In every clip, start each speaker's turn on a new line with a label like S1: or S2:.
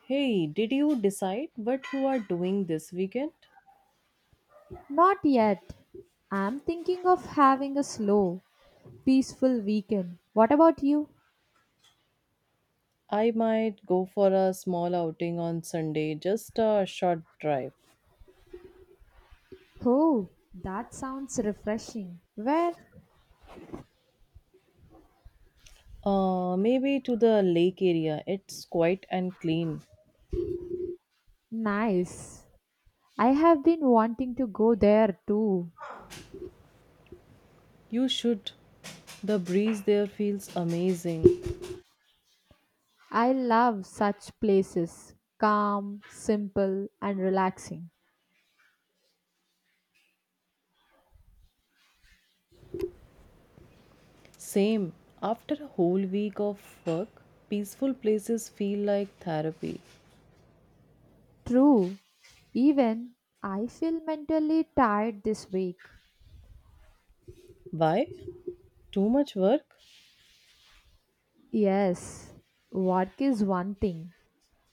S1: Hey, did you decide what you are doing this weekend?
S2: Not yet. I'm thinking of having a slow, peaceful weekend. What about you?
S1: I might go for a small outing on Sunday, just a short drive.
S2: Oh, that sounds refreshing. Where?
S1: Maybe to the lake area. It's quiet and clean.
S2: Nice. I have been wanting to go there too.
S1: You should. The breeze there feels amazing.
S2: I love such places. Calm, simple, and relaxing.
S1: Same. After a whole week of work, peaceful places feel like therapy.
S2: True. Even I feel mentally tired this week.
S1: Why? Too much work?
S2: Yes, work is one thing,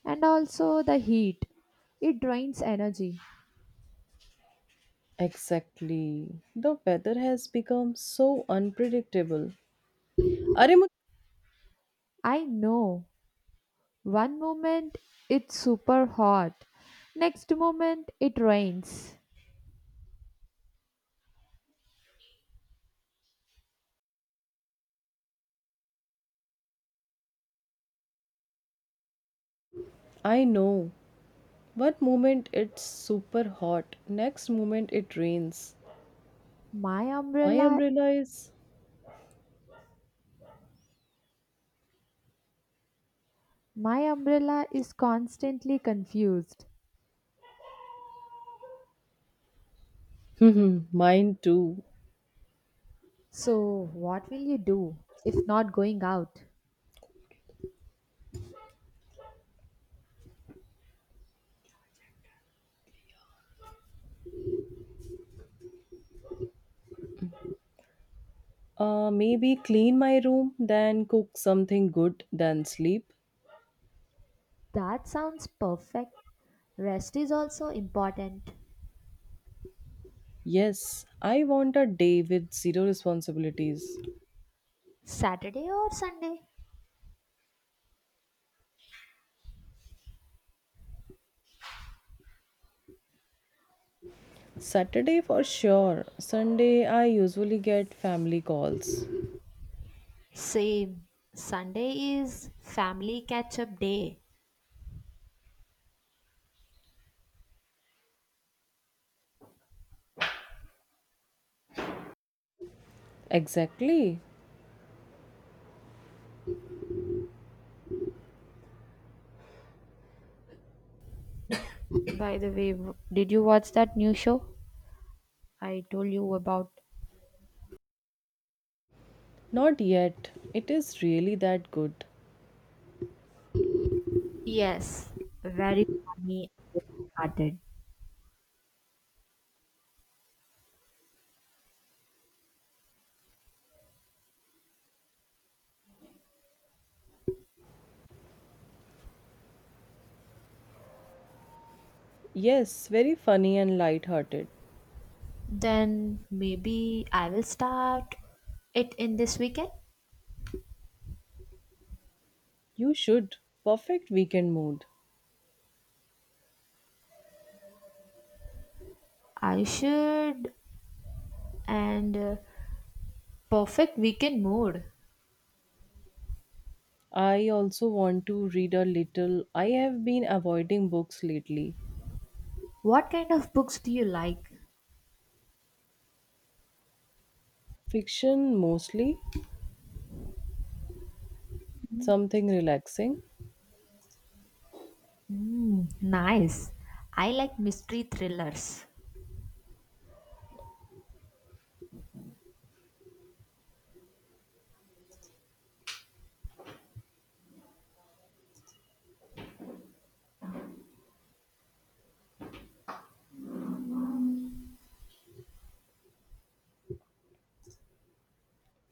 S2: and also the heat. It drains energy.
S1: Exactly. The weather has become so unpredictable. अरे
S2: I know. One moment it's super hot, next moment it rains.
S1: I know. One moment it's super hot, next moment it rains.
S2: My
S1: My
S2: umbrella
S1: umbrella is.
S2: my umbrella is constantly confused.
S1: Hmm. Mine too.
S2: So, what will you do if not going out?
S1: Maybe clean my room, then cook something good, then sleep.
S2: That sounds perfect. Rest is also important.
S1: Yes, I want a day with zero responsibilities.
S2: Saturday or Sunday?
S1: Saturday for sure. Sunday, I usually get family calls.
S2: Same. Sunday is family catch up day.
S1: Exactly.
S2: By the way, did you watch that new show I told you about?
S1: Not yet. It is really that good.
S2: Yes, very funny hearted.
S1: Yes, very funny and light-hearted.
S2: Then maybe I will start it in this weekend.
S1: You should. Perfect weekend mood.
S2: I should. And Perfect weekend mood.
S1: I also want to read a little. I have been avoiding books lately.
S2: What kind of books do you like?
S1: Fiction mostly, something relaxing.
S2: Mm, nice. I like mystery thrillers.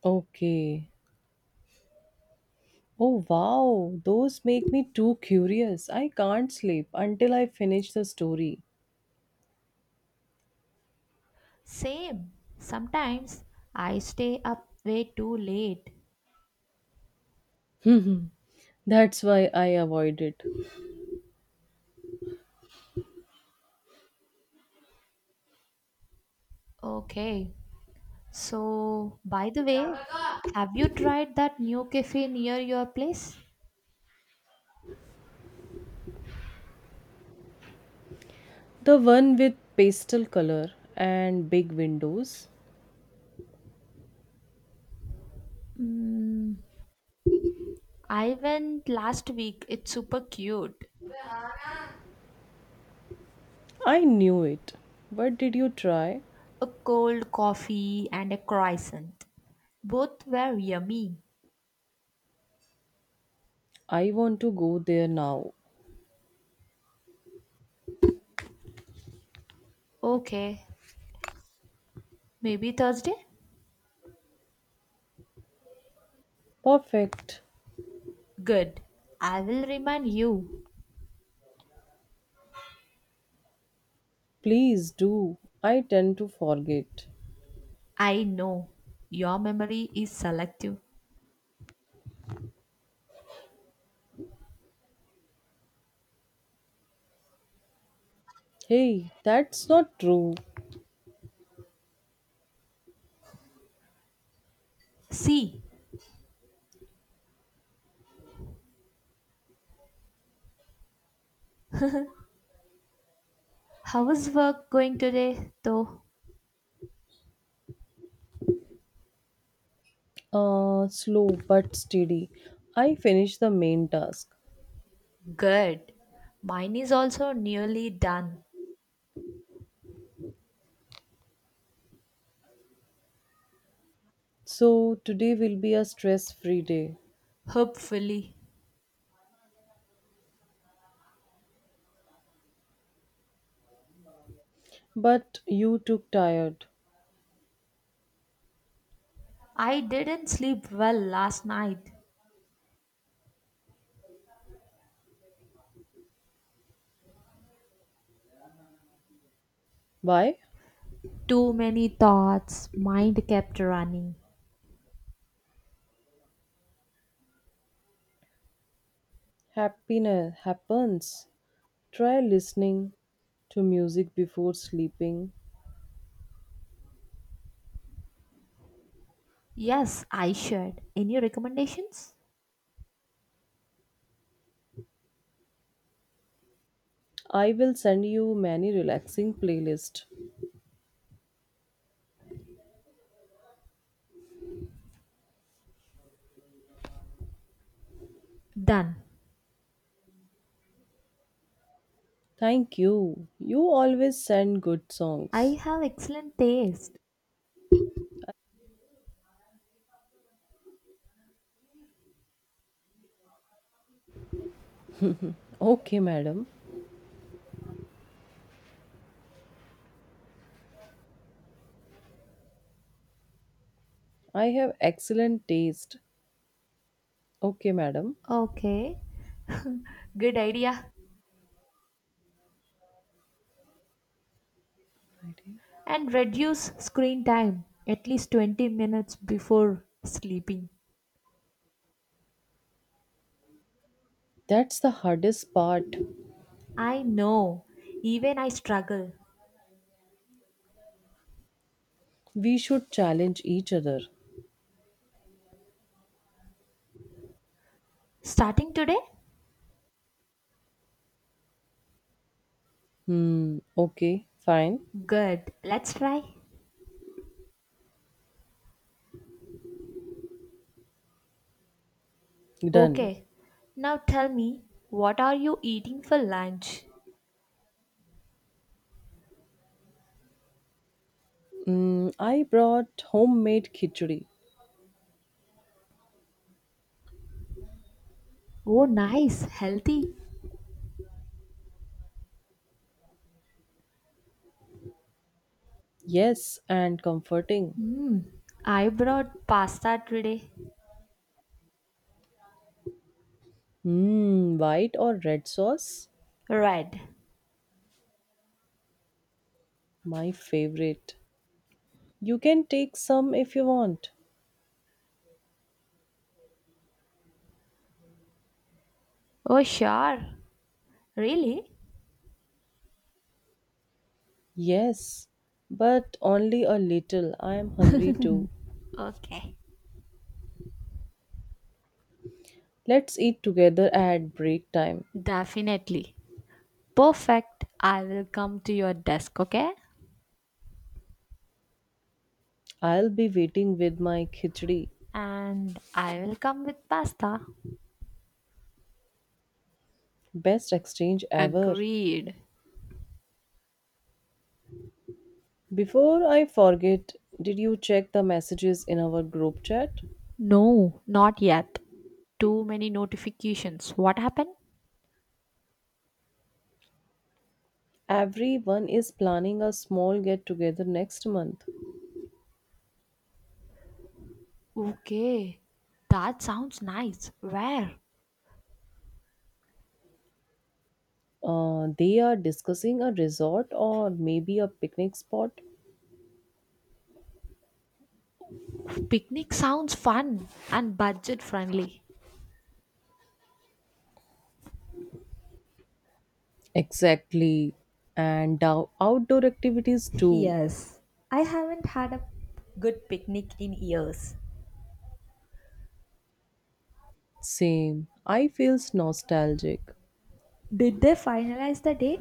S1: Okay. Oh wow, those make me too curious. I can't sleep until I finish the story.
S2: Same. Sometimes I stay up way too late.
S1: That's why I avoid it.
S2: Okay. So, by the way, have you tried that new cafe near your place?
S1: The one with pastel color and big windows.
S2: I went last week. It's super cute.
S1: I knew it. But did you try?
S2: A cold coffee and a croissant. Both were yummy.
S1: I want to go there now.
S2: Okay, maybe Thursday?
S1: Perfect.
S2: Good. I will remind you.
S1: Please do. I tend to forget.
S2: I know. Your memory is selective.
S1: Hey, that's not true.
S2: See, how is work going today, though?
S1: Slow but steady. I finished the main task.
S2: Good. Mine is also nearly done.
S1: So today will be a stress free day.
S2: Hopefully.
S1: But you took tired.
S2: I didn't sleep well last night.
S1: Why?
S2: Too many thoughts, mind kept running.
S1: Happiness happens. Try listening to music before sleeping.
S2: Yes, I should. Any recommendations?
S1: I will send you many relaxing playlists.
S2: Done.
S1: Thank you. You always send good
S2: I
S1: songs.
S2: have excellent taste.
S1: Okay, madam. I have excellent taste. Okay, madam.
S2: Okay, good idea.
S1: Right here.
S2: And reduce screen time at least 20 minutes before sleeping.
S1: That's the hardest part.
S2: I know, even I struggle.
S1: We should challenge each other.
S2: Starting today?
S1: Hmm, okay, fine.
S2: Good, let's try.
S1: Done.
S2: Okay, now tell me, what are you eating for lunch?
S1: Mm, I brought homemade khichdi.
S2: Oh, nice, healthy.
S1: Yes, and comforting.
S2: I brought pasta today.
S1: Hmm, white or red sauce?
S2: Red.
S1: My favorite. You can take some if you want.
S2: Oh, sure. Really?
S1: Yes, but only a little. I am hungry too.
S2: Okay.
S1: Let's eat together at break time.
S2: Definitely. Perfect. I will come to your desk, okay?
S1: I'll be waiting with my khichdi.
S2: And I will come with pasta.
S1: Best exchange ever.
S2: Agreed.
S1: Before I forget, did you check the messages in our group chat?
S2: No, not yet. Too many notifications. What happened?
S1: Everyone is planning a small get together next month.
S2: Okay. That sounds nice. Where?
S1: They are discussing a resort or maybe a picnic spot.
S2: Picnic sounds fun and budget friendly.
S1: Exactly. And outdoor activities too.
S2: Yes, I haven't had a good picnic in years.
S1: Same. I feels nostalgic.
S2: Did they finalize the date?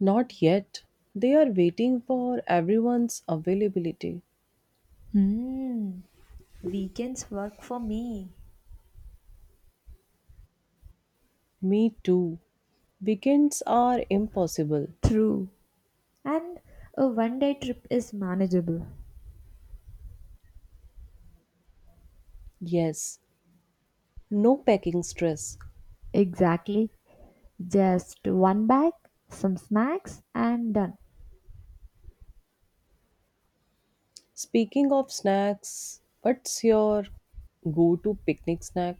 S1: Not yet. They are waiting for everyone's availability.
S2: Hmm. Weekends work for me.
S1: Me too. Weekends are impossible.
S2: True. And a 1 day trip is manageable.
S1: Yes, no packing stress.
S2: Exactly. Just one bag, some snacks, and done.
S1: Speaking of snacks, what's your go to picnic snack?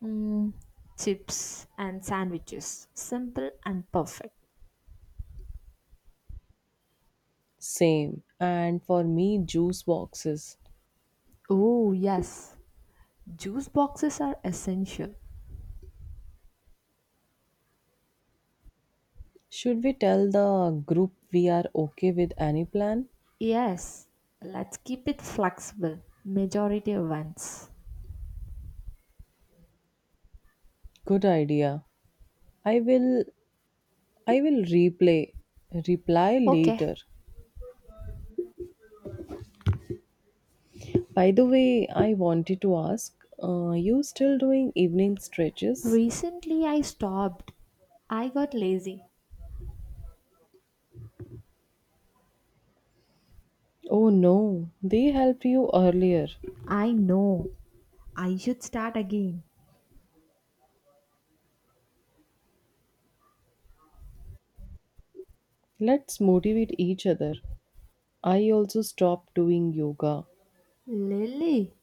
S2: Mm, chips and sandwiches. Simple and perfect.
S1: Same. And for me, juice boxes.
S2: Oh, yes. Juice boxes are essential.
S1: Should we tell the group we are okay with any plan?
S2: Yes, let's keep it flexible. Majority events.
S1: Good idea. I will I will replay reply
S2: Okay,
S1: later. By the way, I wanted to ask, you still doing evening stretches?
S2: recently I stopped. I got lazy.
S1: Oh no, they helped you earlier.
S2: I know. I should start again.
S1: Let's motivate each other. I also stopped doing yoga.
S2: Lily,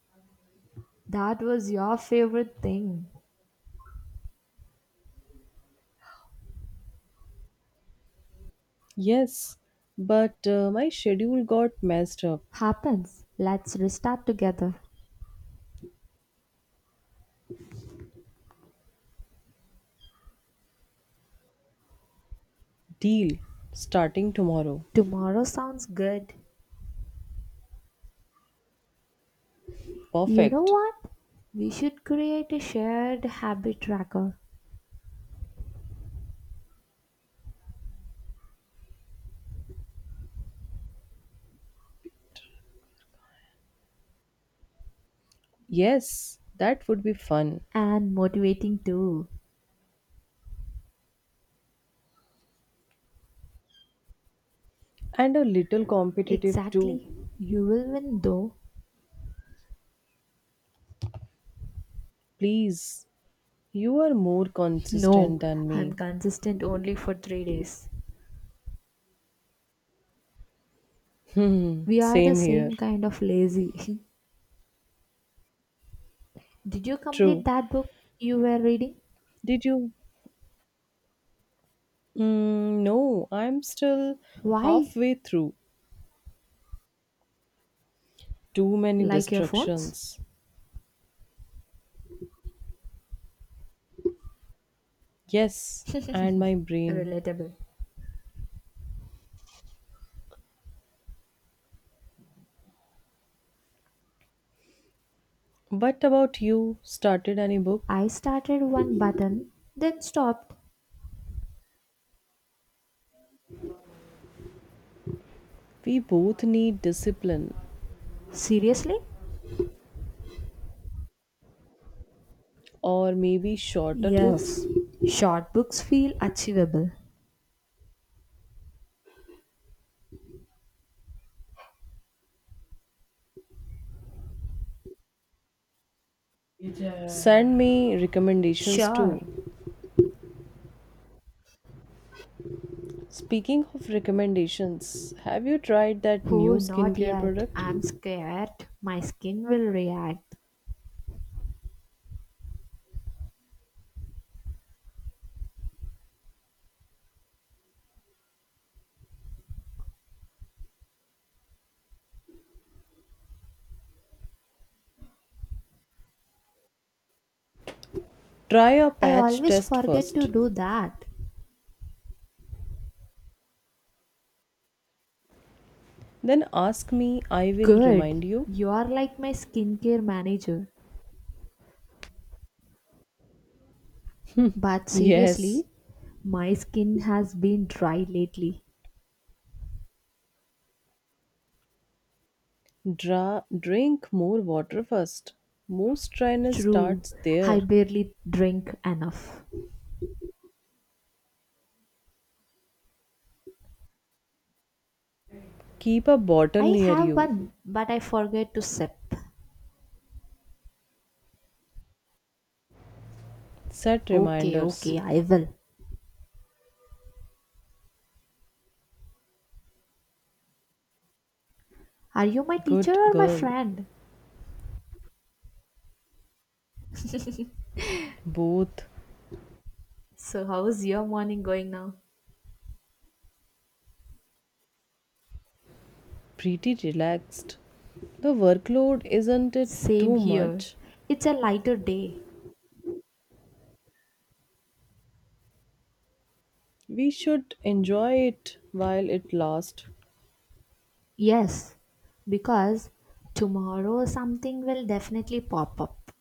S2: that was your favorite thing.
S1: Yes, but my schedule got messed up.
S2: Happens. Let's restart together.
S1: Deal. Starting tomorrow.
S2: Tomorrow sounds good. You know
S1: Perfect.
S2: what? We should create a shared habit tracker
S1: Yes, that would be fun.
S2: and motivating too.
S1: And a little competitive too.
S2: Exactly. You will win though.
S1: Please, you are more
S2: No,
S1: consistent than
S2: I'm
S1: me.
S2: consistent only for 3 days.
S1: Hmm,
S2: We are the
S1: same here.
S2: same kind of lazy. Did you complete
S1: True.
S2: that book you were reading?
S1: Did you? Mm, no, I'm still
S2: Why?
S1: halfway through. Too many
S2: Like your phones?
S1: distractions. Yes, and my brain.
S2: Relatable.
S1: What about you? Started any book?
S2: I started one button, then stopped.
S1: We both need discipline
S2: Seriously?
S1: or maybe shorter books.
S2: Yes. Short books feel achievable.
S1: Send me recommendations
S2: Sure.
S1: too. Speaking of recommendations, have you tried that new
S2: Oh, not
S1: skincare
S2: yet.
S1: product?
S2: I'm scared. My skin will react.
S1: Try a
S2: I
S1: patch
S2: always
S1: test
S2: forget
S1: first.
S2: to do that.
S1: Then ask me, I will remind
S2: Good.
S1: you.
S2: You are like my skincare manager. But
S1: Yes,
S2: seriously, my skin has been dry lately.
S1: drink more water first. Most dryness
S2: True.
S1: starts
S2: I
S1: there.
S2: barely drink enough.
S1: Keep a bottle
S2: I
S1: near
S2: have
S1: you.
S2: one, but I forget to sip.
S1: Set
S2: Okay,
S1: reminders.
S2: okay, I will. Are you my teacher
S1: Good
S2: or my
S1: girl.
S2: friend?
S1: Both
S2: So, how's your morning going now?
S1: pretty relaxed. The workload isn't it
S2: Same
S1: too
S2: here.
S1: much?
S2: It's a lighter day.
S1: We should enjoy it while it lasts.
S2: Yes, because tomorrow something will definitely pop up.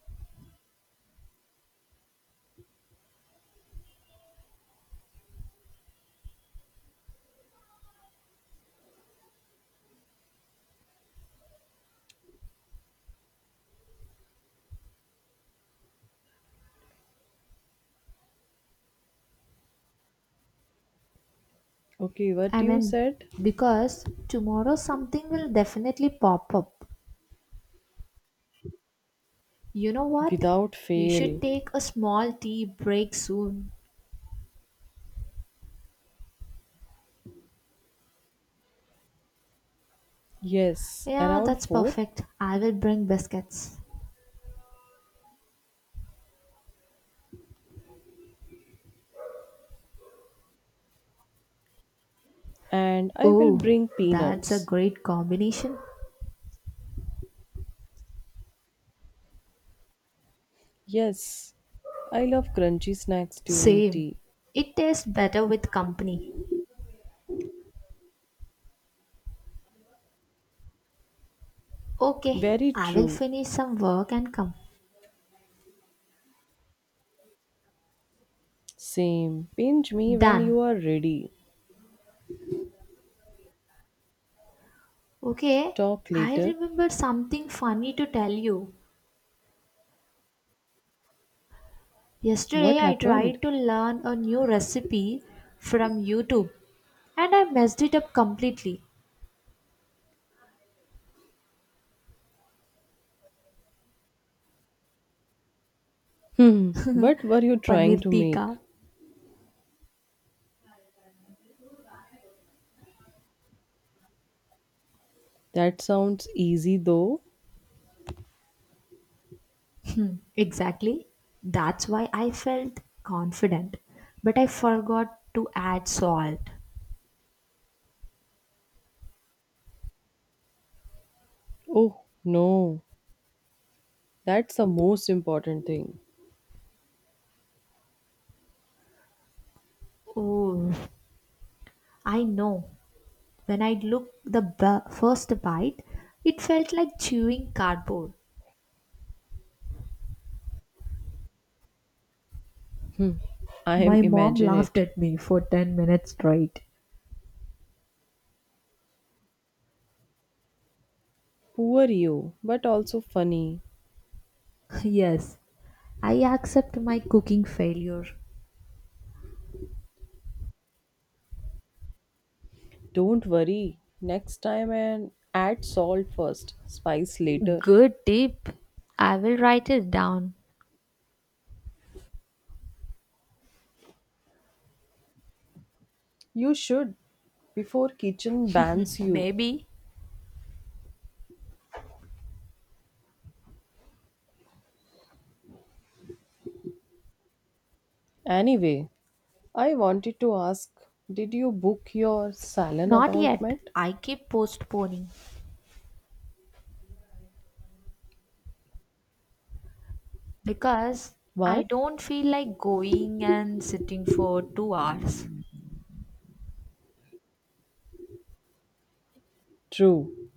S1: Okay, what
S2: I
S1: you
S2: mean,
S1: said?
S2: because tomorrow something will definitely pop up. You know what?
S1: Without
S2: We should
S1: fail.
S2: take a small tea break soon.
S1: Yes,
S2: Yeah,
S1: around
S2: that's
S1: 4.
S2: perfect. I will bring biscuits.
S1: And I will
S2: Oh,
S1: bring
S2: that's a
S1: peanuts.
S2: great combination.
S1: Yes, I love crunchy snacks during
S2: Same.
S1: tea.
S2: It tastes better with company. Okay,
S1: Very
S2: I will
S1: true.
S2: finish some work and come.
S1: Same. Pinch me when
S2: Done.
S1: you are ready.
S2: Okay,
S1: Talk
S2: I
S1: later.
S2: remember something funny to tell you. Yesterday
S1: What
S2: I
S1: happened?
S2: tried to learn a new recipe from YouTube and I messed it up completely.
S1: Hmm. What were you
S2: Paneer
S1: trying to
S2: tikka.
S1: make? That sounds easy though.
S2: Exactly. That's why I felt confident. But I forgot to add salt.
S1: Oh no. That's the most important thing.
S2: Oh, I know. When I looked the first bite, it felt like chewing cardboard.
S1: I am
S2: My mom
S1: imagine
S2: laughed
S1: it.
S2: at me for 10 minutes straight.
S1: Poor you, but also funny.
S2: Yes, I accept my cooking failure.
S1: Don't worry. Next time and add salt first, spice later.
S2: Good tip. I will write it down.
S1: You should before kitchen bans you.
S2: Maybe.
S1: Anyway, I wanted to ask, did you book your salon
S2: Not yet.
S1: appointment?
S2: I keep postponing because I
S1: Why?
S2: don't feel like going and sitting for 2 hours.
S1: True.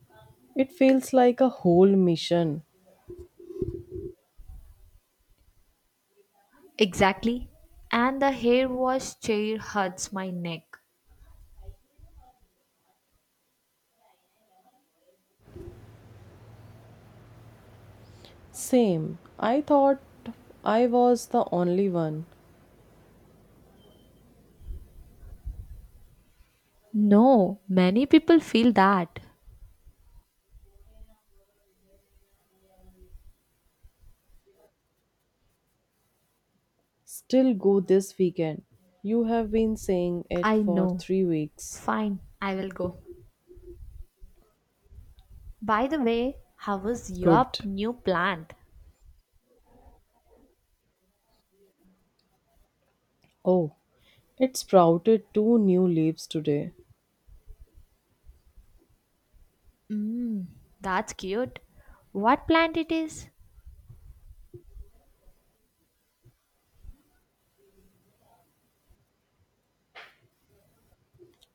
S1: It feels like a whole mission.
S2: Exactly. And the hair wash chair hurts my neck.
S1: Same. I thought I was the only one.
S2: No, many people feel that.
S1: Still go this weekend. You have been saying it
S2: I
S1: for
S2: know.
S1: 3 weeks.
S2: Fine, I will go. By the way, how was your
S1: Good.
S2: new plant?
S1: Oh, it sprouted two new leaves today.
S2: Mmm, that's cute. What plant it is?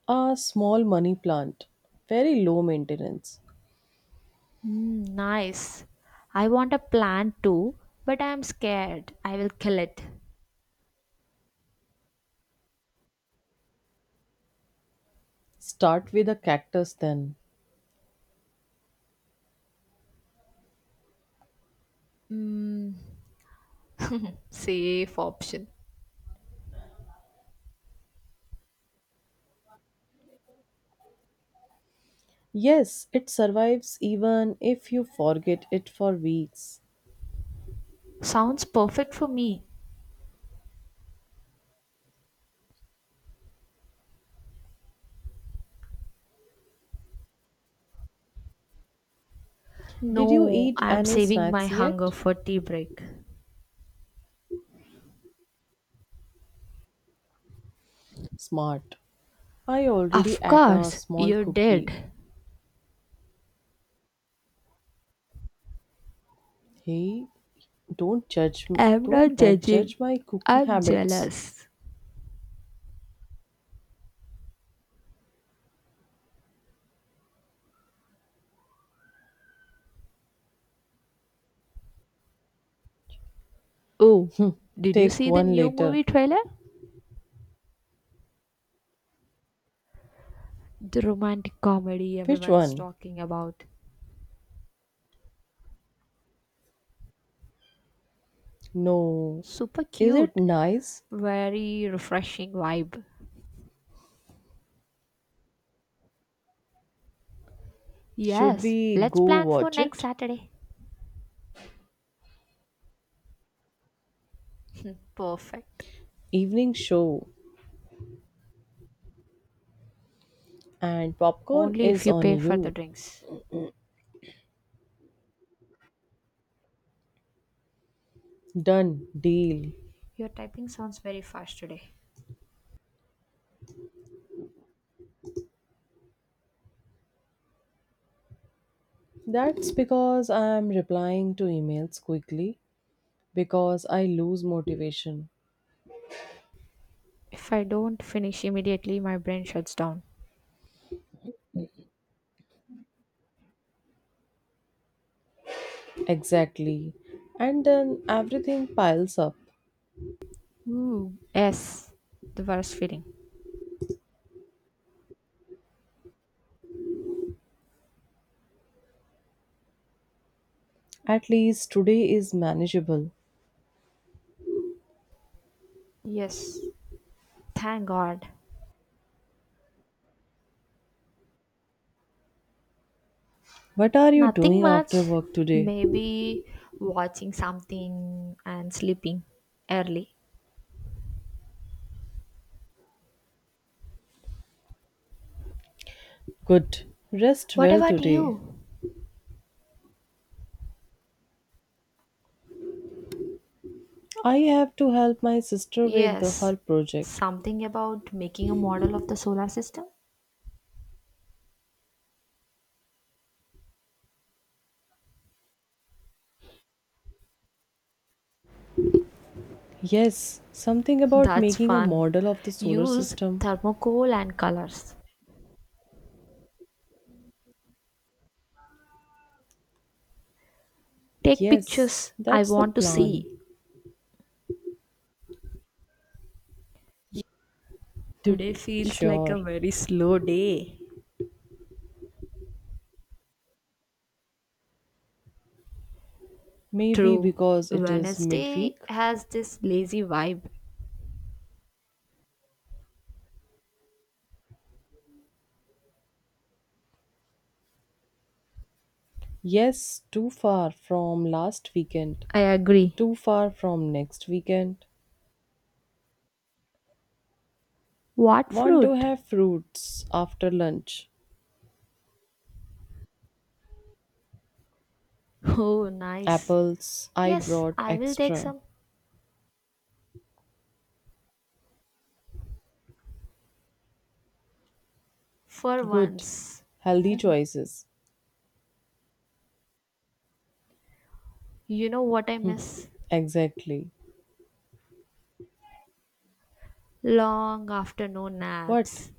S1: A small money plant. Very low maintenance.
S2: Mmm, nice. I want a plant too, but I am scared. I will kill it.
S1: Start with a cactus then.
S2: Mmm, safe option.
S1: Yes, it survives even if you forget it for weeks.
S2: Sounds perfect for me.
S1: Did you
S2: No,
S1: eat
S2: I am
S1: any
S2: saving my
S1: snacks
S2: hunger
S1: yet?
S2: for tea break.
S1: Smart. I already
S2: Of
S1: ate a
S2: course,
S1: small
S2: you did.
S1: cookie. Hey, don't judge m-
S2: I'm not
S1: don't du-
S2: judging.
S1: judge my cookie
S2: I'm
S1: habits.
S2: jealous. Oh, did you
S1: Take
S2: see the
S1: one
S2: new
S1: later.
S2: movie trailer? The romantic comedy
S1: Which
S2: everyone's
S1: one?
S2: talking about.
S1: No.
S2: Super
S1: Is it
S2: cute.
S1: nice?
S2: Very refreshing vibe.
S1: Should
S2: Yes,
S1: we
S2: let's
S1: go
S2: plan for
S1: watch
S2: next
S1: it?
S2: Saturday. Perfect.
S1: Evening show and popcorn
S2: Only if
S1: is
S2: you
S1: on
S2: pay for the
S1: you.
S2: drinks.
S1: Done deal.
S2: Your typing sounds very fast today.
S1: That's because I am replying to emails quickly because I lose motivation.
S2: If I don't finish immediately, my brain shuts down.
S1: Exactly. And then everything piles up.
S2: Ooh, yes, the worst feeling.
S1: At least today is manageable.
S2: Yes. Thank God.
S1: What are you
S2: Nothing
S1: doing
S2: much.
S1: after work today?
S2: Maybe watching something and sleeping early.
S1: Good. Rest
S2: What
S1: well
S2: about
S1: today.
S2: you?
S1: I have to help my sister with
S2: Yes,
S1: her project.
S2: something about making a model of the solar system.
S1: Yes, something about
S2: That's
S1: making a
S2: fun.
S1: model of the solar
S2: Use
S1: system.
S2: thermocol and colors. Take
S1: Yes,
S2: pictures. I
S1: that's the
S2: want to
S1: plan.
S2: see. Today feels like a
S1: Sure.
S2: very slow day.
S1: Maybe
S2: True.
S1: because it is
S2: Wednesday
S1: midweek.
S2: has this lazy vibe.
S1: Yes, too far from last weekend.
S2: I agree.
S1: Too far from next weekend.
S2: What
S1: Want to
S2: fruit?
S1: have fruits after lunch.
S2: Oh, nice.
S1: Apples, I
S2: Yes,
S1: brought
S2: I will take
S1: extra.
S2: some for
S1: Good.
S2: once.
S1: Healthy choices.
S2: You know what I miss?
S1: Exactly.
S2: Long afternoon
S1: What?
S2: naps,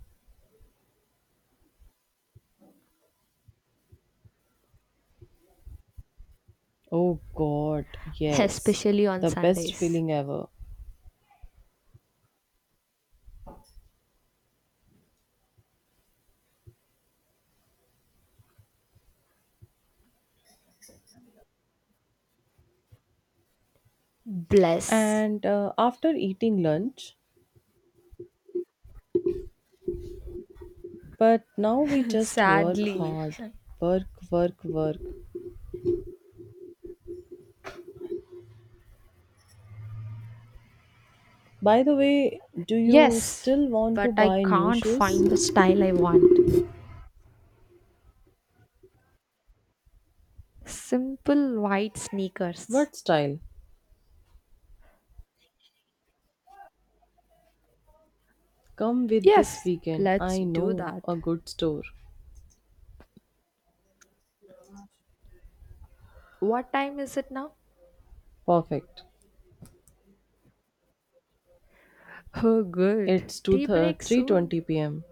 S1: Oh god, yes.
S2: especially on
S1: The best
S2: Sundays.
S1: feeling ever.
S2: Bless.
S1: And after eating lunch, but now we just work
S2: Sadly.
S1: hard. Work, work, work. By the way, do you
S2: Yes,
S1: still want
S2: but
S1: to
S2: I
S1: buy new
S2: can't
S1: shoes?
S2: find the style I want. Simple white sneakers.
S1: What style? Come with this
S2: Yes,
S1: weekend.
S2: let's
S1: I
S2: do
S1: know
S2: that.
S1: a good store.
S2: What time is it now?
S1: Perfect.
S2: Oh, good.
S1: It's
S2: Tea
S1: 2
S2: break soon.
S1: 3:20 p.m.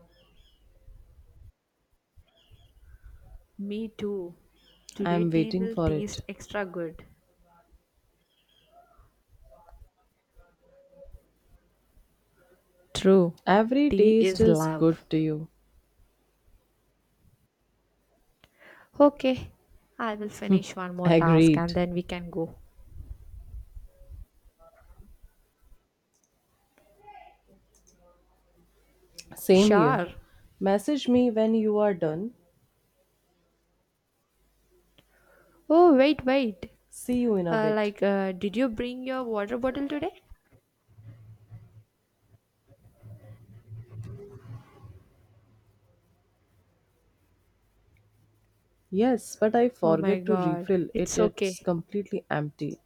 S2: Me too. Today
S1: I'm
S2: tea
S1: waiting
S2: will
S1: for
S2: taste
S1: it.
S2: extra good. True.
S1: Every
S2: Tea
S1: taste
S2: is
S1: is good
S2: love.
S1: to you.
S2: Okay, I will finish one more task and
S1: Agreed.
S2: then we can go.
S1: Same here.
S2: Sure.
S1: Message me when you are done.
S2: Oh, wait.
S1: See you in a bit.
S2: Did you bring your water bottle today?
S1: Yes, but I
S2: Oh my
S1: forget to
S2: god.
S1: refill it.
S2: It's
S1: It's
S2: okay.
S1: completely empty.